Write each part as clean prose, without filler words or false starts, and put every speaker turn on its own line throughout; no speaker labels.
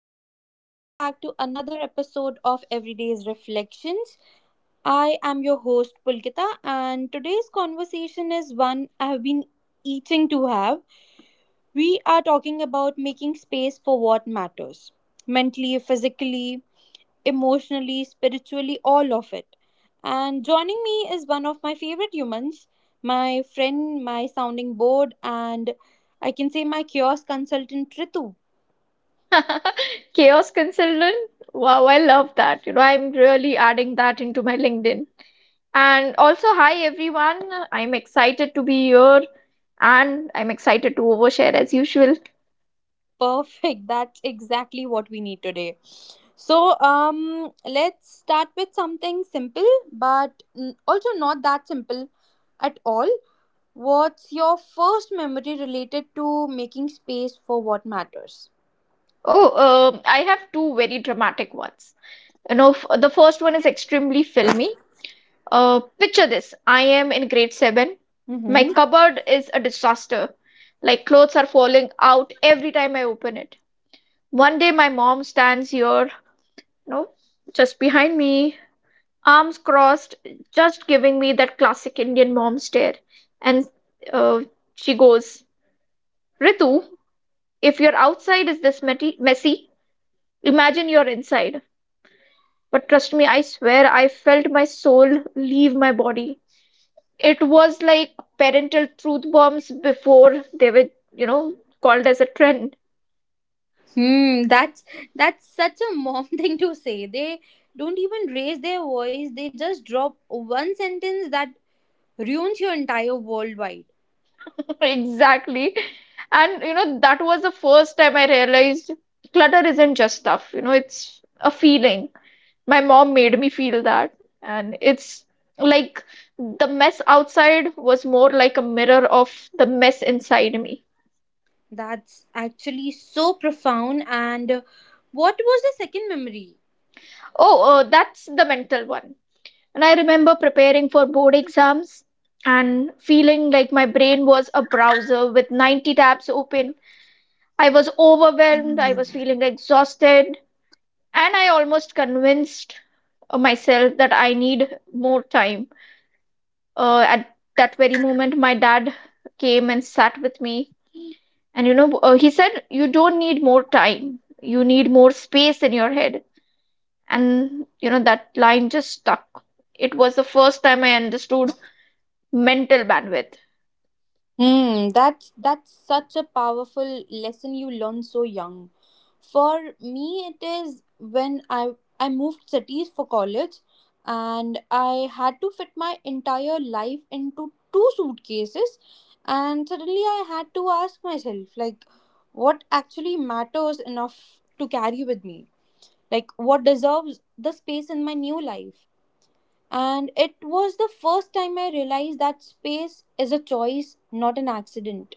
everyone, and welcome back to another episode of Everyday's Reflections. I am your host, Pulkita, and today's conversation is one I have been eating to have. We are talking about making space for what matters mentally, physically, emotionally, spiritually, all of it. And joining me is one of my favorite humans, my friend, my sounding board, and I can say my kiosk consultant, Ritu.
Chaos consultant. Wow, I love that. You know, I'm really adding that into my LinkedIn. And also, hi everyone. I'm excited to be here and I'm excited to overshare as usual.
Perfect. That's exactly what we need today. So let's start with something simple, but mm, also not that simple at all. What's your first memory related to making space for what matters?
Oh, I have two very dramatic ones. You know, the first one is extremely filmy. Picture this. I am in grade seven. My
Mm-hmm.
cupboard is a disaster. Like clothes are falling out every time I open it. One day my mom stands here. No, just behind me, arms crossed, just giving me that classic Indian mom stare. And uh, she goes, Ritu, if your outside is this messy, imagine you're inside. But trust me, I swear, I felt my soul leave my body. It was like parental truth bombs before they were, you know, called as a trend.
Hmm. That's such a mom thing to say. They don't even raise their voice. They just drop one sentence that ruins your entire worldwide.
Exactly. And that was the first time I realized clutter isn't just stuff, it's a feeling. My mom made me feel that. And it's like the mess outside was more like a mirror of the mess inside me.
That's actually so profound. And what was the second memory?
Oh, that's the mental one. And I remember preparing for board exams and feeling like my brain was a browser with 90 tabs open. I was overwhelmed, I was feeling exhausted, and I almost convinced myself that I need more time. At that very moment, my dad came and sat with me, and he said, you don't need more time, you need more space in your head. And that line just stuck. It was the first time I understood mental bandwidth.
Hmm, that's such a powerful lesson you learn so young. For me, it is when I moved cities for college, and I had to fit my entire life into two suitcases, and suddenly I had to ask myself like, what actually matters enough to carry with me? Like, what deserves the space in my new life? And it was the first time I realized that space is a choice, not an accident.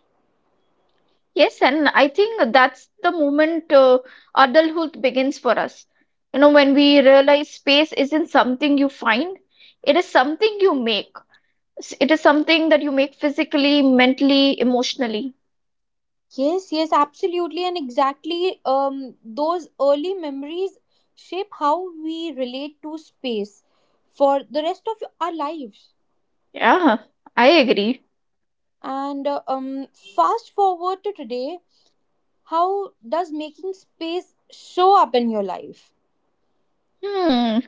Yes, and I think that's the moment adulthood begins for us. You know, when we realize space isn't something you find, it is something you make. It is something that you make physically, mentally, emotionally.
Yes, yes, absolutely. And exactly, those early memories shape how we relate to space for the rest of our lives.
Yeah, I agree.
And fast forward to today, how does making space show up in your life?
Hmm.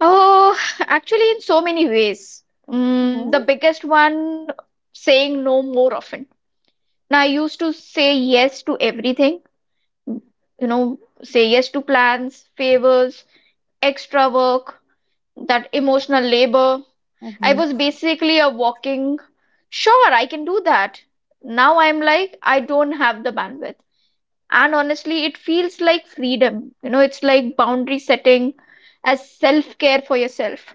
Oh, actually, in so many ways. The biggest one, saying no more often. Now, I used to say yes to everything, say yes to plans, favors, extra work, that emotional labor. I
Mhm.
was basically a walking, sure, I can do that. Now I'm like, I don't have the bandwidth. And honestly, it feels like freedom. It's like boundary setting as self care for yourself.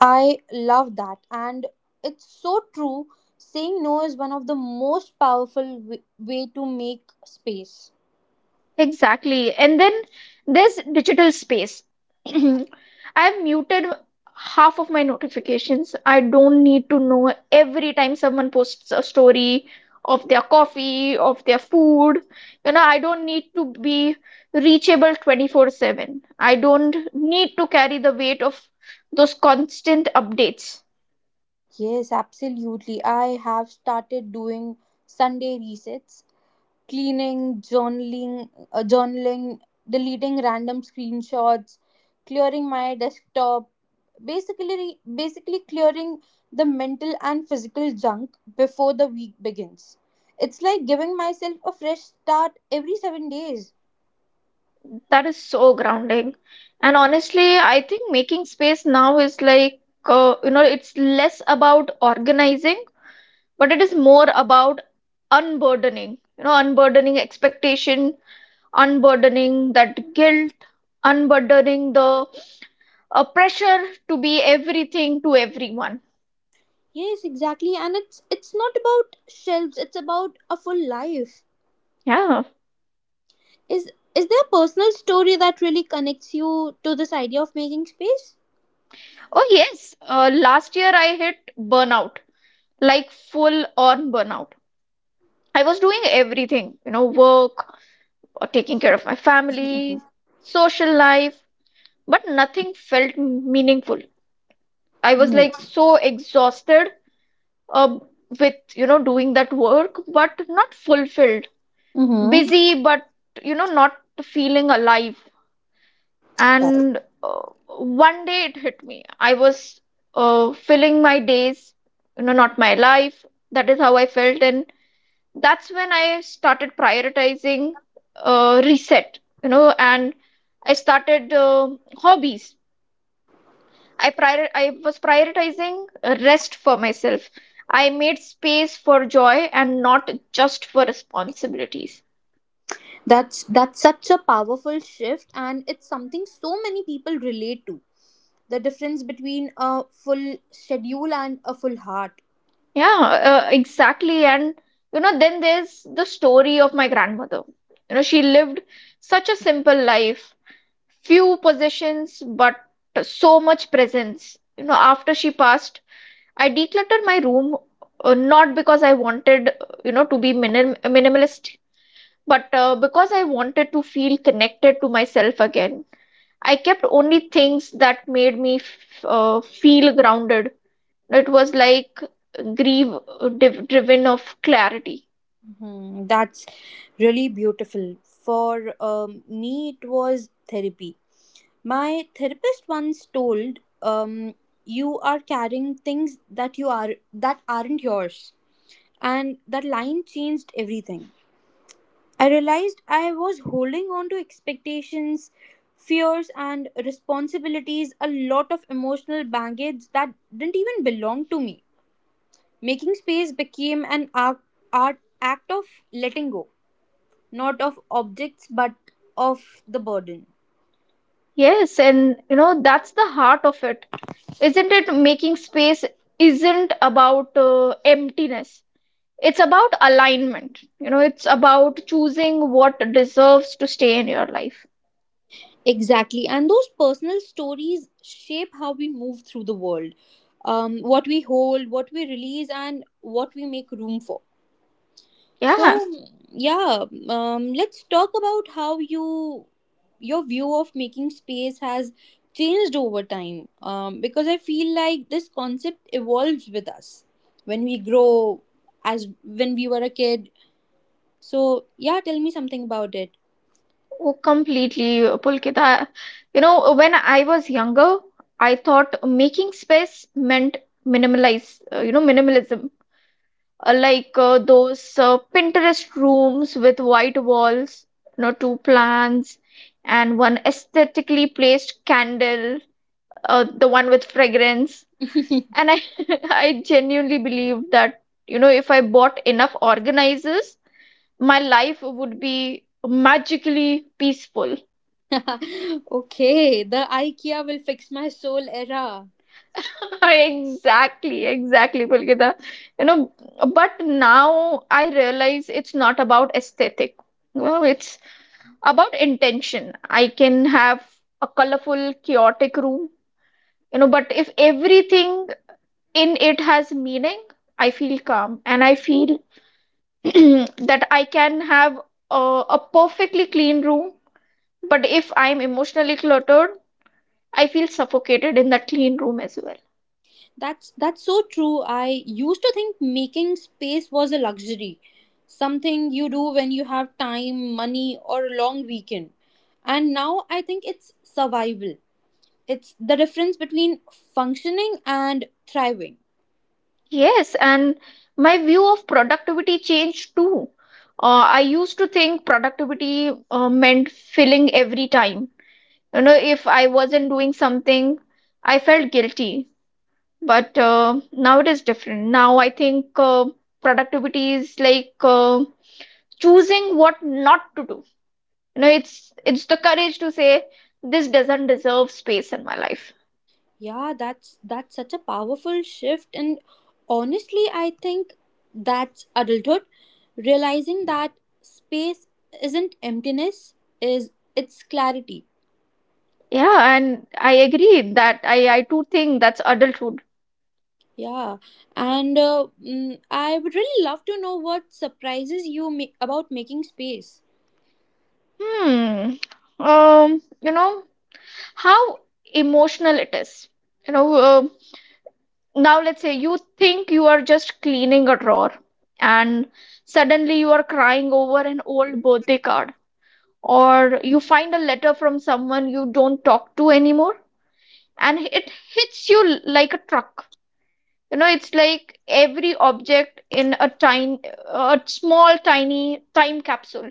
I love that. And it's so true. Saying no is one of the most powerful way to make space.
Exactly. And then there's digital space. I've muted half of my notifications. I don't need to know every time someone posts a story of their coffee, of their food. I don't need to be reachable 24/7. I don't need to carry the weight of those constant updates.
Yes, absolutely. I have started doing Sunday resets, cleaning, journaling, journaling, deleting random screenshots, clearing my desktop, basically clearing the mental and physical junk before the week begins. It's like giving myself a fresh start every 7 days.
That is so grounding. And honestly, I think making space now is like, it's less about organizing, but it is more about unburdening, unburdening expectation, unburdening that guilt, unburdening the pressure to be everything to everyone.
Yes, exactly. And it's not about shelves, it's about a full life.
Yeah.
Is is there a personal story that really connects you to this idea of making space?
Oh, yes. Last year I hit burnout, like full on burnout. I was doing everything, work or taking care of my family, social life, but nothing felt meaningful. I was like so exhausted uh, with doing that work, but not fulfilled.
Mm-hmm.
Busy, but not feeling alive. And one day it hit me. I was filling my days, not my life. That is how I felt. And that's when I started prioritizing reset, and I started hobbies. I was prioritizing rest for myself. I made space for joy and not just for responsibilities.
That's such a powerful shift, and it's something so many people relate to. The difference between a full schedule and a full heart.
Yeah, exactly. And then there's the story of my grandmother. She lived such a simple life, few possessions, but so much presence. After she passed, I decluttered my room not because I wanted, to be minimalist, but because I wanted to feel connected to myself again. I kept only things that made me feel grounded. It was like grief driven of clarity.
Mhm. That's really beautiful. For me, it was therapy. My therapist once told, um, "You are carrying things that you are that aren't yours," and that line changed everything. I realized I was holding on to expectations, fears, and responsibilities, a lot of emotional baggage that didn't even belong to me. Making space became an art, act of letting go, not of objects, but of the burden.
Yes, and that's the heart of it. Isn't it, making space isn't about emptiness. It's about alignment. It's about choosing what deserves to stay in your life.
Exactly. And those personal stories shape how we move through the world, what we hold, what we release, and what we make room for.
Yeah.
So, yeah, let's talk about how your view of making space has changed over time. Because I feel like this concept evolves with us when we grow, as when we were a kid. So, yeah, tell me something about it.
Oh, completely, Pulkita. When I was younger, I thought making space meant minimalize you know minimalism, like those Pinterest rooms with white walls, two plants and one aesthetically placed candle, the one with fragrance. And I, I genuinely believe that, if I bought enough organizers, my life would be magically peaceful.
Okay, the IKEA will fix my soul era.
Exactly, exactly, Pulkita. You know, but now I realize it's not about aesthetic. Well, it's about intention. I can have a colorful, chaotic room, but if everything in it has meaning, I feel calm, and I feel that I can have a perfectly clean room, but if I'm emotionally cluttered, I feel suffocated in that clean room as well.
That's so true. I used to think making space was a luxury, something you do when you have time, money, or a long weekend. And now I think it's survival. It's the difference between functioning and thriving.
Yes, and my view of productivity changed too. I used to think productivity meant filling every time. If I wasn't doing something, I felt guilty. But now it is different. Now I think productivity is like choosing what not to do. It's the courage to say this doesn't deserve space in my life.
Yeah, that's such a powerful shift, and honestly I think that's adulthood, realizing that space isn't emptiness is it's clarity.
Yeah, and I agree that I too think that's adulthood.
Yeah. And I would really love to know what surprises you about making space.
Hmm. Um, you know, how emotional it is. You know, uh, Now let's say you think you are just cleaning a drawer, and suddenly you are crying over an old birthday card, or you find a letter from someone you don't talk to anymore, and it hits you like a truck. It's like every object in a small, tiny time capsule.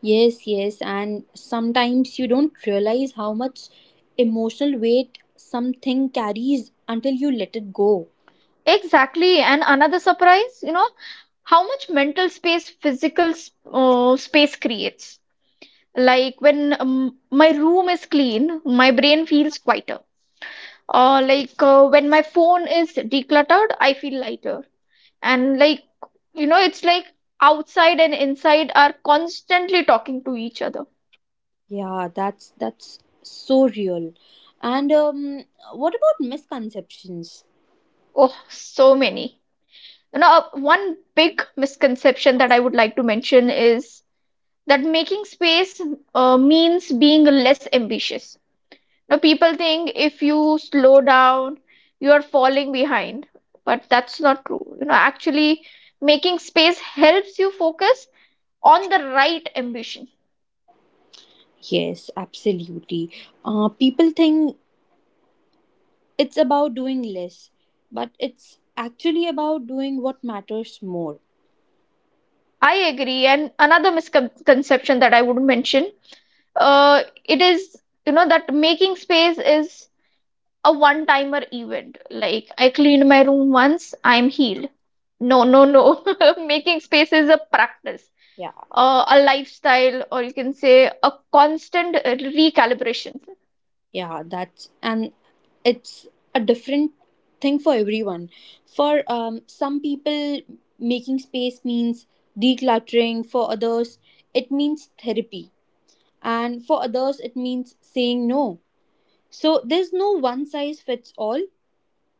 Yes, yes, and sometimes you don't realize how much emotional weight something carries until you let it go.
Exactly. And another surprise, how much mental space physical space creates. Like when my room is clean, my brain feels quieter. Or like when my phone is decluttered, I feel lighter. And like, it's like outside and inside are constantly talking to each other.
Yeah, that's so real. And what about misconceptions?
Oh, so many. you know One big misconception that I would like to mention is that making space means being less ambitious. Now people think if you slow down, you are falling behind. But that's not true. Actually, making space helps you focus on the right ambition.
Yes, absolutely. People think it's about doing less, but it's actually about doing what matters more.
I agree. And another misconception that I would mention, uh, it is that making space is a one timer event. Like, I cleaned my room once, I'm healed. No, no, no. Making space is a practice,
Yeah,
a lifestyle, or you can say a constant recalibration.
yeah, that's and it's a different thing for everyone. For some people, making space means decluttering. For others, it means therapy, and for others, it means saying no. So there's no one size fits all.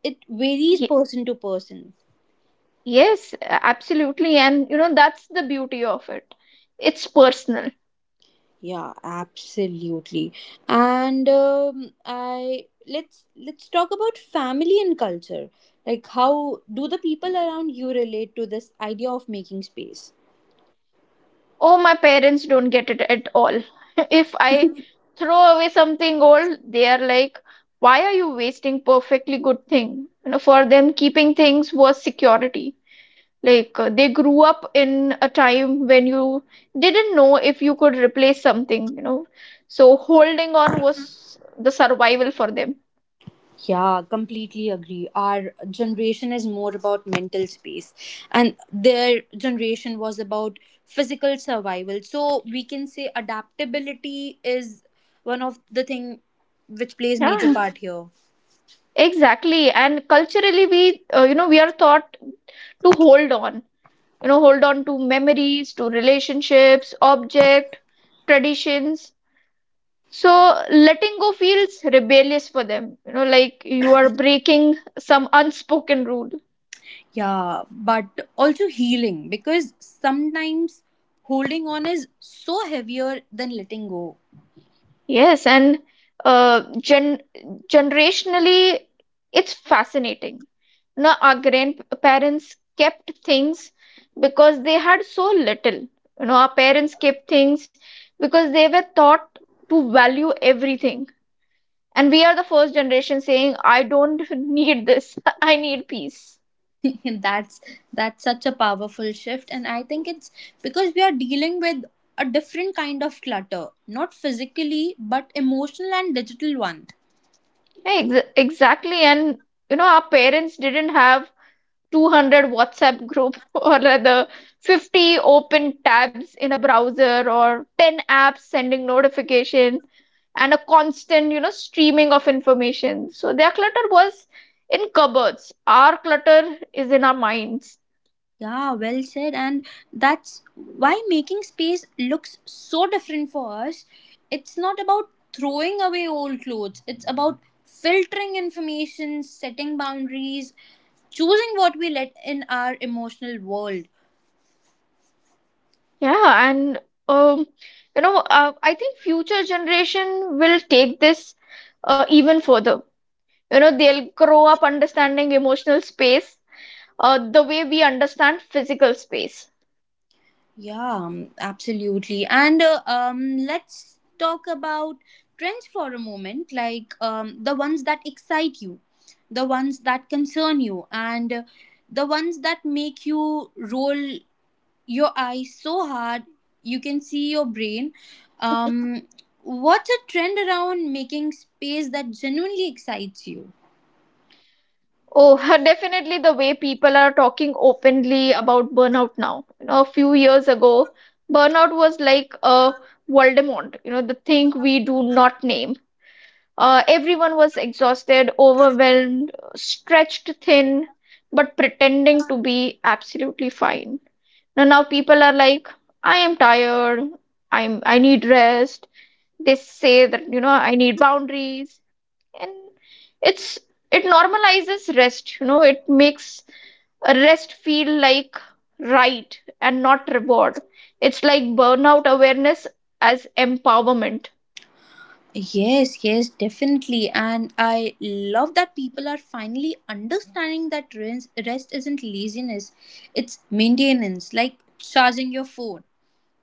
It varies
Ye-
person to person.
yes, absolutely. And that's the beauty of it. It's personal.
Yeah, absolutely. And I let's talk about family and culture. Like how do the people around you relate to this idea of making space?
Oh, my parents don't get it at all. If I throw away something old, they are like, why are you wasting perfectly good thing? For them, keeping things was security. They grew up in a time when you didn't know if you could replace something. So holding on was the survival for them.
Yeah, completely agree. Our generation is more about mental space, and their generation was about physical survival. So we can say adaptability is one of the thing which plays major
Yeah,
part here.
exactly. And culturally, we are taught to hold on, hold on to memories, to relationships, object, traditions. So letting go feels rebellious for them. Like you are breaking some unspoken rule.
Yeah, but also healing, because sometimes holding on is so heavier than letting go.
Yes, and uh, gen generationally, it's fascinating. Now, our grandparents kept things because they had so little. Our parents kept things because they were taught to value everything. And we are the first generation saying, I don't need this. I need peace.
that's that's such a powerful shift, and I think it's because we are dealing with a different kind of clutter, not physically but emotional and digital one.
Yeah, ex exactly. And our parents didn't have 200 WhatsApp group or rather 50 open tabs in a browser or ten apps sending notification and a constant, streaming of information. So their clutter was in cupboards. Our clutter is in our minds.
Yeah, well said. And that's why making space looks so different for us. It's not about throwing away old clothes, it's about filtering information, setting boundaries, choosing what we let in our emotional world.
Yeah, and um, I think future generation will take this even further. They'll grow up understanding emotional space the way we understand physical space.
Yeah, absolutely. And let's talk about trends for a moment, like the ones that excite you, the ones that concern you, and the ones that make you roll your eyes so hard you can see your brain. Um, what's a trend around making space that genuinely excites you?
Oh, definitely the way people are talking openly about burnout now. A few years ago, burnout was like a Voldemort, the thing we do not name. Everyone was exhausted, overwhelmed, stretched thin, but pretending to be absolutely fine. Now, people are like, I am tired, I need rest. They say that, you know, I need boundaries and it's it normalizes rest, you know. It makes a rest feel like right and not reward. It's like burnout awareness as empowerment.
Yes, yes, definitely. And I love that people are finally understanding that rest isn't laziness, it's maintenance, like charging your phone.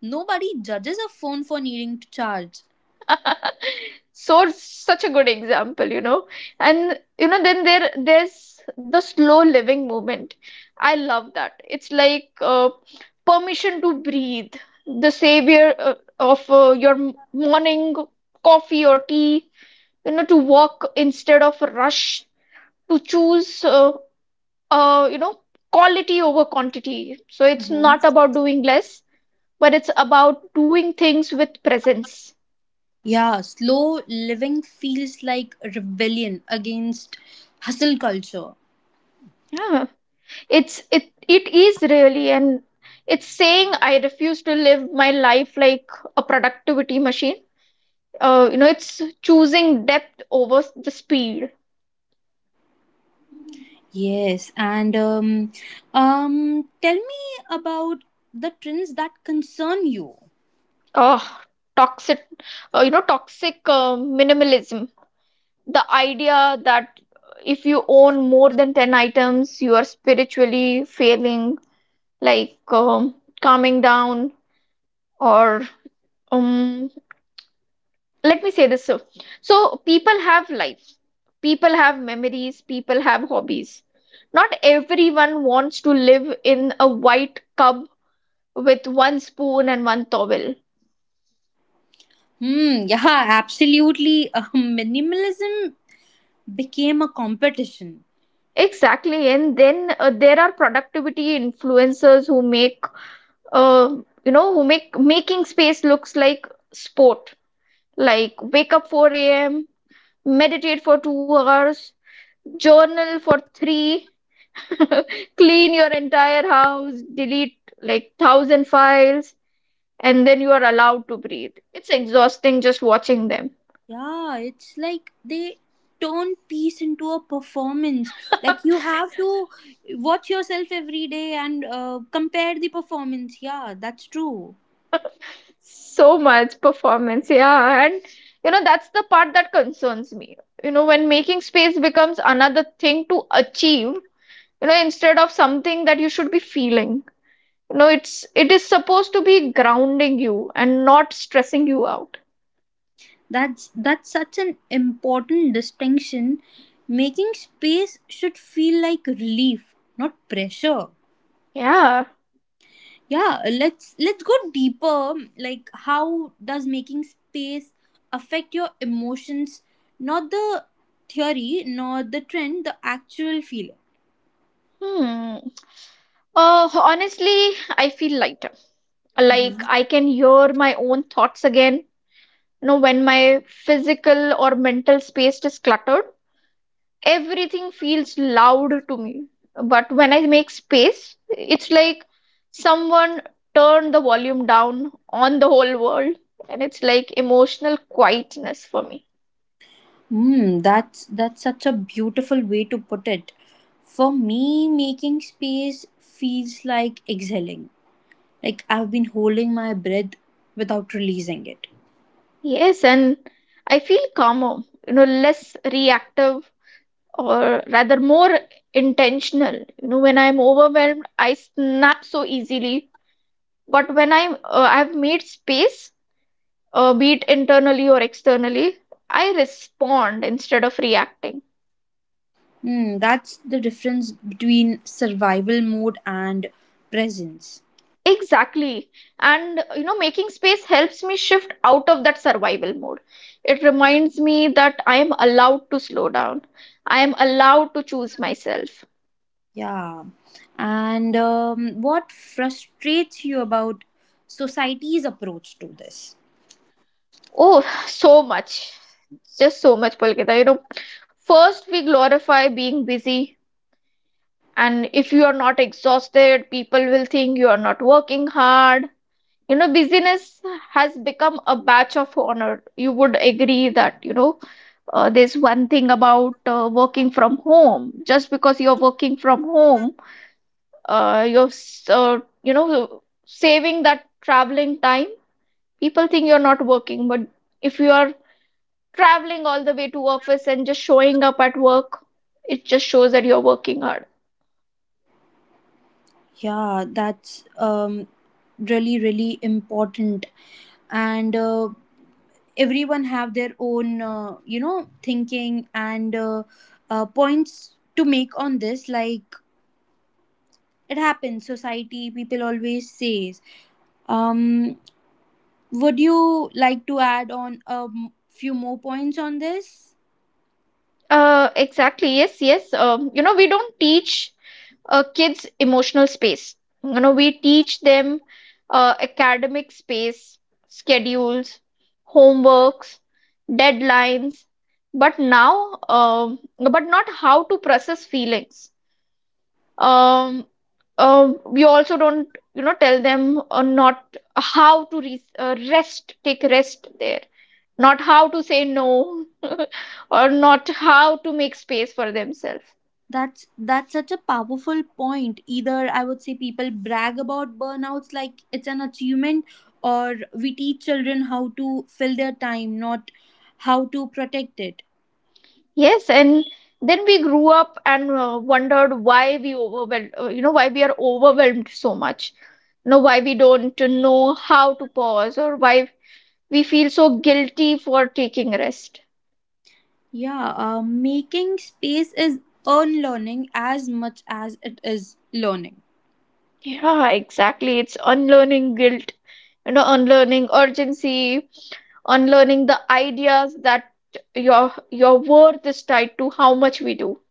Nobody judges a phone for needing to charge.
so such a good example, you know. And you know, then there's the slow living movement. I love that. It's like permission to breathe, the savior of your morning coffee or tea, you know, to walk instead of rush, to choose uh, you know quality over quantity. So it's not about doing less, but it's about doing things with presence.
Yeah, slow living feels like rebellion against hustle culture.
Yeah, it's it it is, really. And it's saying, I refuse to live my life like a productivity machine. You know, it's choosing depth over the speed.
Yes, and tell me about the trends that concern you.
Oh, toxic, you know, toxic minimalism, the idea that if you own more than 10 items, you are spiritually failing, like calming down. Or um let me say this. So so people have life, people have memories, people have hobbies. Not everyone wants to live in a white cub with one spoon and one towel.
Hmm, yeah, absolutely. Minimalism became a competition.
Exactly. And then there are productivity influencers who make uh, who make making space looks like sport, like wake up 4 a.m., meditate for 2 hours, journal for three, clean your entire house, delete like thousand files, and then you are allowed to breathe. It's exhausting just watching them.
Yeah, it's like they turn peace into a performance. Like you have to watch yourself every day and compare the performance. Yeah, that's true.
So much performance, yeah. And you know, that's the part that concerns me. You know, when making space becomes another thing to achieve, you know, instead of something that you should be feeling. You know, it's, it is supposed to be grounding you and not stressing you out.
That's such an important distinction. Making space should feel like relief, not pressure.
Yeah.
Yeah, let's go deeper. Like how does making space affect your emotions, not the theory nor the trend, the actual feeling?
Hmm. Uh, honestly, I feel lighter. Like
Mhm.
I can hear my own thoughts again, you know. When my physical or mental space is cluttered, everything feels loud to me. But when I make space, it's like someone turned the volume down on the whole world. And it's like emotional quietness for me.
Hmm, that's such a beautiful way to put it. For me, making space feels like exhaling. Like I've been holding my breath without releasing it.
Yes, and I feel calmer, you know, less reactive, or rather more intentional. You know, when I'm overwhelmed, I snap so easily. But when I've made space, be it internally or externally, I respond instead of reacting.
Hmm, that's the difference between survival mode and presence.
Exactly. And you know, making space helps me shift out of that survival mode. It reminds me that I am allowed to slow down. I am allowed to choose myself.
Yeah. And what frustrates you about society's approach to this?
Oh, so much. Just so much, Pulkita. You know, first we glorify being busy, and if you are not exhausted, people will think you are not working hard. You know, busyness has become a badge of honor. You would agree that, you know, there's one thing about working from home. Just because you're working from home, you know, saving that traveling time. People think you're not working, but if you are traveling all the way to office and just showing up at work, it just shows that you're working hard.
Yeah, that's really, really important. And everyone have their own, thinking and points to make on this. Like it happens, society people always says. Um, would you like to add on a few more points on this?
Exactly. Yes, yes. You know, we don't teach kids emotional space. You know, we teach them academic space, schedules, homeworks, deadlines, but now but not how to process feelings. um, we also don't, you know, tell them, not how to re- rest, take rest there, not how to say no, or not how to make space for themselves.
That's such a powerful point. Either I would say people brag about burnouts like it's an achievement, or we teach children how to fill their time, not how to protect it.
Yes, and then we grew up and wondered why we overwhelmed, why we are overwhelmed so much. You know, why we don't know how to pause, or why we feel so guilty for taking rest.
Yeah, making space is unlearning as much as it is learning.
Yeah, exactly. It's unlearning guilt, you know, unlearning urgency, unlearning the ideas that your worth is tied to how much we do.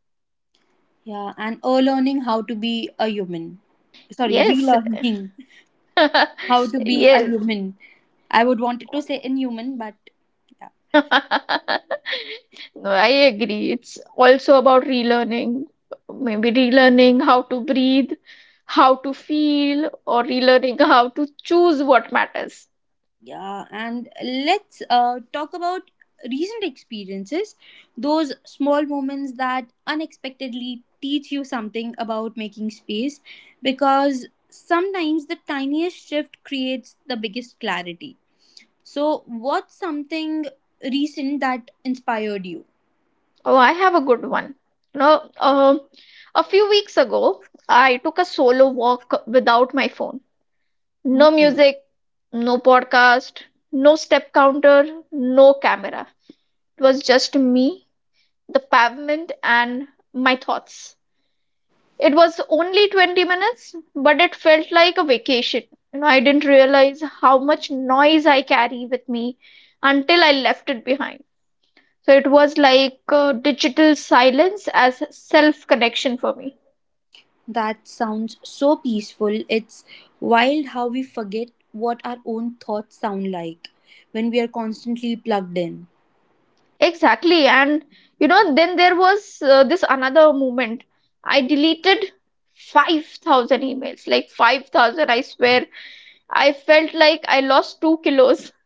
Yeah, and learning how to be a human. Sorry,
Yes.
relearning how to be a
Yes.
human. I would wanted to say inhuman, but
No, I agree. It's also about relearning, maybe relearning how to breathe, how to feel, or relearning how to choose what matters.
yeah, and let's talk about recent experiences, those small moments that unexpectedly teach you something about making space, because sometimes the tiniest shift creates the biggest clarity. So, what's something recent that inspired you?
Oh, I have a good one. You know, a few weeks ago, I took a solo walk without my phone. No
Hmm.
music, no podcast, no step counter, no camera. It was just me, the pavement, and my thoughts. It was only 20 minutes, but it felt like a vacation. You know, I didn't realize how much noise I carry with me until I left it behind. So it was like digital silence as self connection for me.
That sounds so peaceful. It's wild how we forget what our own thoughts sound like when we are constantly plugged in.
Exactly. And you know, then there was this another moment. I deleted 5,000 emails, like 5,000. I swear, I felt like I lost 2 kilos.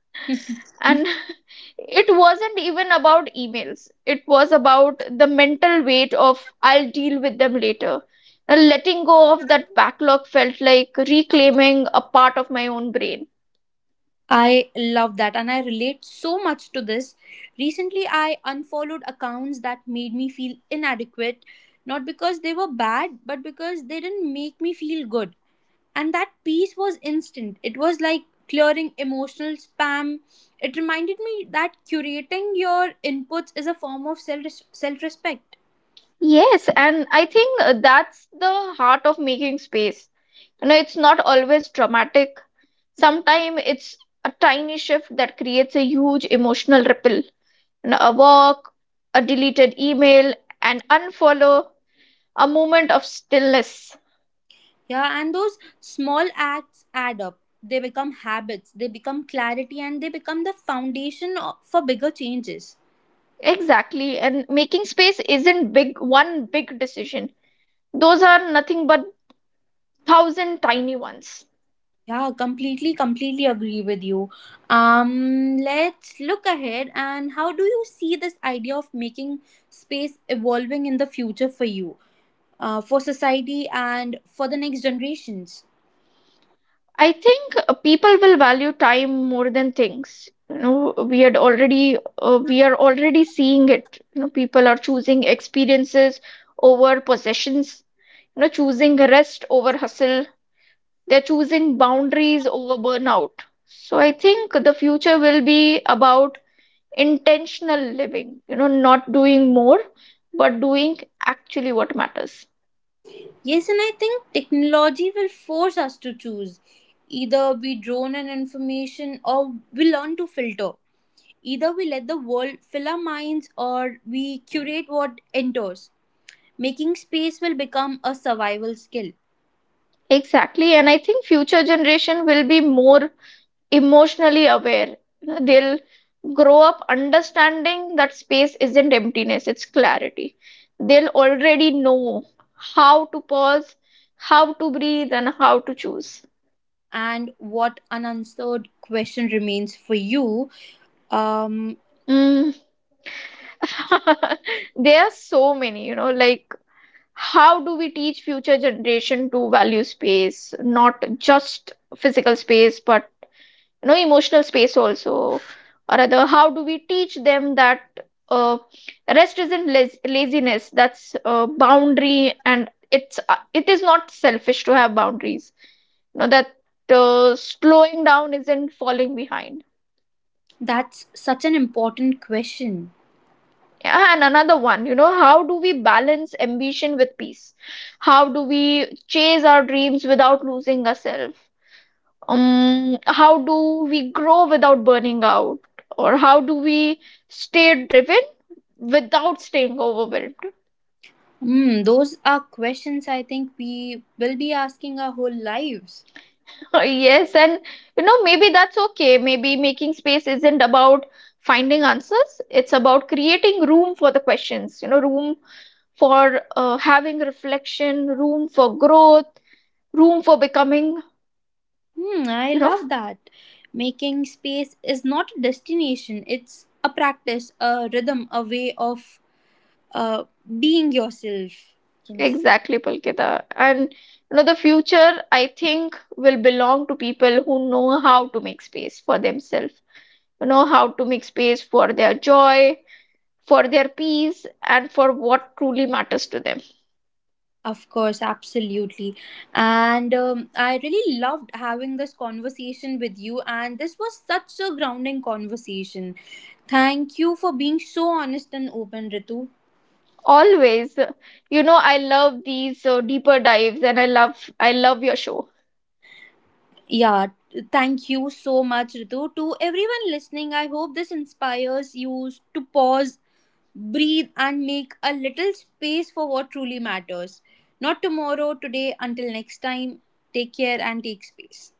And it wasn't even about emails. It was about the mental weight of I'll deal with them later. And letting go of that backlog felt like reclaiming a part of my own brain.
I love that, and I relate so much to this. Recently, I unfollowed accounts that made me feel inadequate, not because they were bad, but because they didn't make me feel good. And that peace was instant. It was like clearing emotional spam. It reminded me that curating your inputs is a form of self respect.
Yes, and I think that's the heart of making space. You know, it's not always dramatic. Sometimes it's a tiny shift that creates a huge emotional ripple. You know, a walk, a deleted email, an unfollow, a moment of stillness.
Yeah, and those small acts add up. They become habits, they become clarity, and they become the foundation for bigger changes.
Exactly. And making space isn't big one big decision. Those are nothing but thousand tiny ones.
Yeah, completely, completely agree with you. Let's look ahead. And how do you see this idea of making space evolving in the future for you, for society, and for the next generations?
I think people will value time more than things. You know, we are already seeing it. You know, people are choosing experiences over possessions. You know, choosing rest over hustle. They're choosing boundaries over burnout. So I think the future will be about intentional living, you know, not doing more, but doing actually what matters.
Yes, and I think technology will force us to choose. Either we drone in information or we learn to filter. Either we let the world fill our minds or we curate what enters. Making space will become a survival skill.
Exactly. And I think future generation will be more emotionally aware. You know, they'll grow up understanding that space isn't emptiness, it's clarity. They'll already know how to pause, how to breathe, and how to choose.
And what unanswered question remains for you? um
Mm. There are so many, you know. Like, how do we teach future generation to value space, not just physical space, but you know, emotional space also? Or rather, how do we teach them that uh, rest isn't laziness, that's a boundary, and it's it is not selfish to have boundaries? You know that slowing down isn't falling behind.
that's such an important question.
Yeah, and another one, you know, how do we balance ambition with peace? How do we chase our dreams without losing ourselves? How do we grow without burning out? Or how do we stay driven without staying overwhelmed?
Hmm, those are questions I think we will be asking our whole lives.
Yes, and you know, maybe that's okay. Maybe making space isn't about finding answers. It's about creating room for the questions. You know, room for having reflection, room for growth, room for becoming,
Hmm, I
you know.
love that. Making space is not a destination, it's a practice, a rhythm, a way of uh, being yourself, you can say.
Exactly, Palkita. And you know, the future, I think, will belong to people who know how to make space for themselves, who know how to make space for their joy, for their peace, and for what truly matters to them.
Of course, absolutely. And I really loved having this conversation with you. And this was such a grounding conversation. Thank you for being so honest and open, Ritu.
Always, you know, I love these deeper dives, and I love your show.
Yeah, thank you so much, Ritu. To everyone listening, I hope this inspires you to pause, breathe, and make a little space for what truly matters. Not tomorrow, today. Until next time. Take care and take space.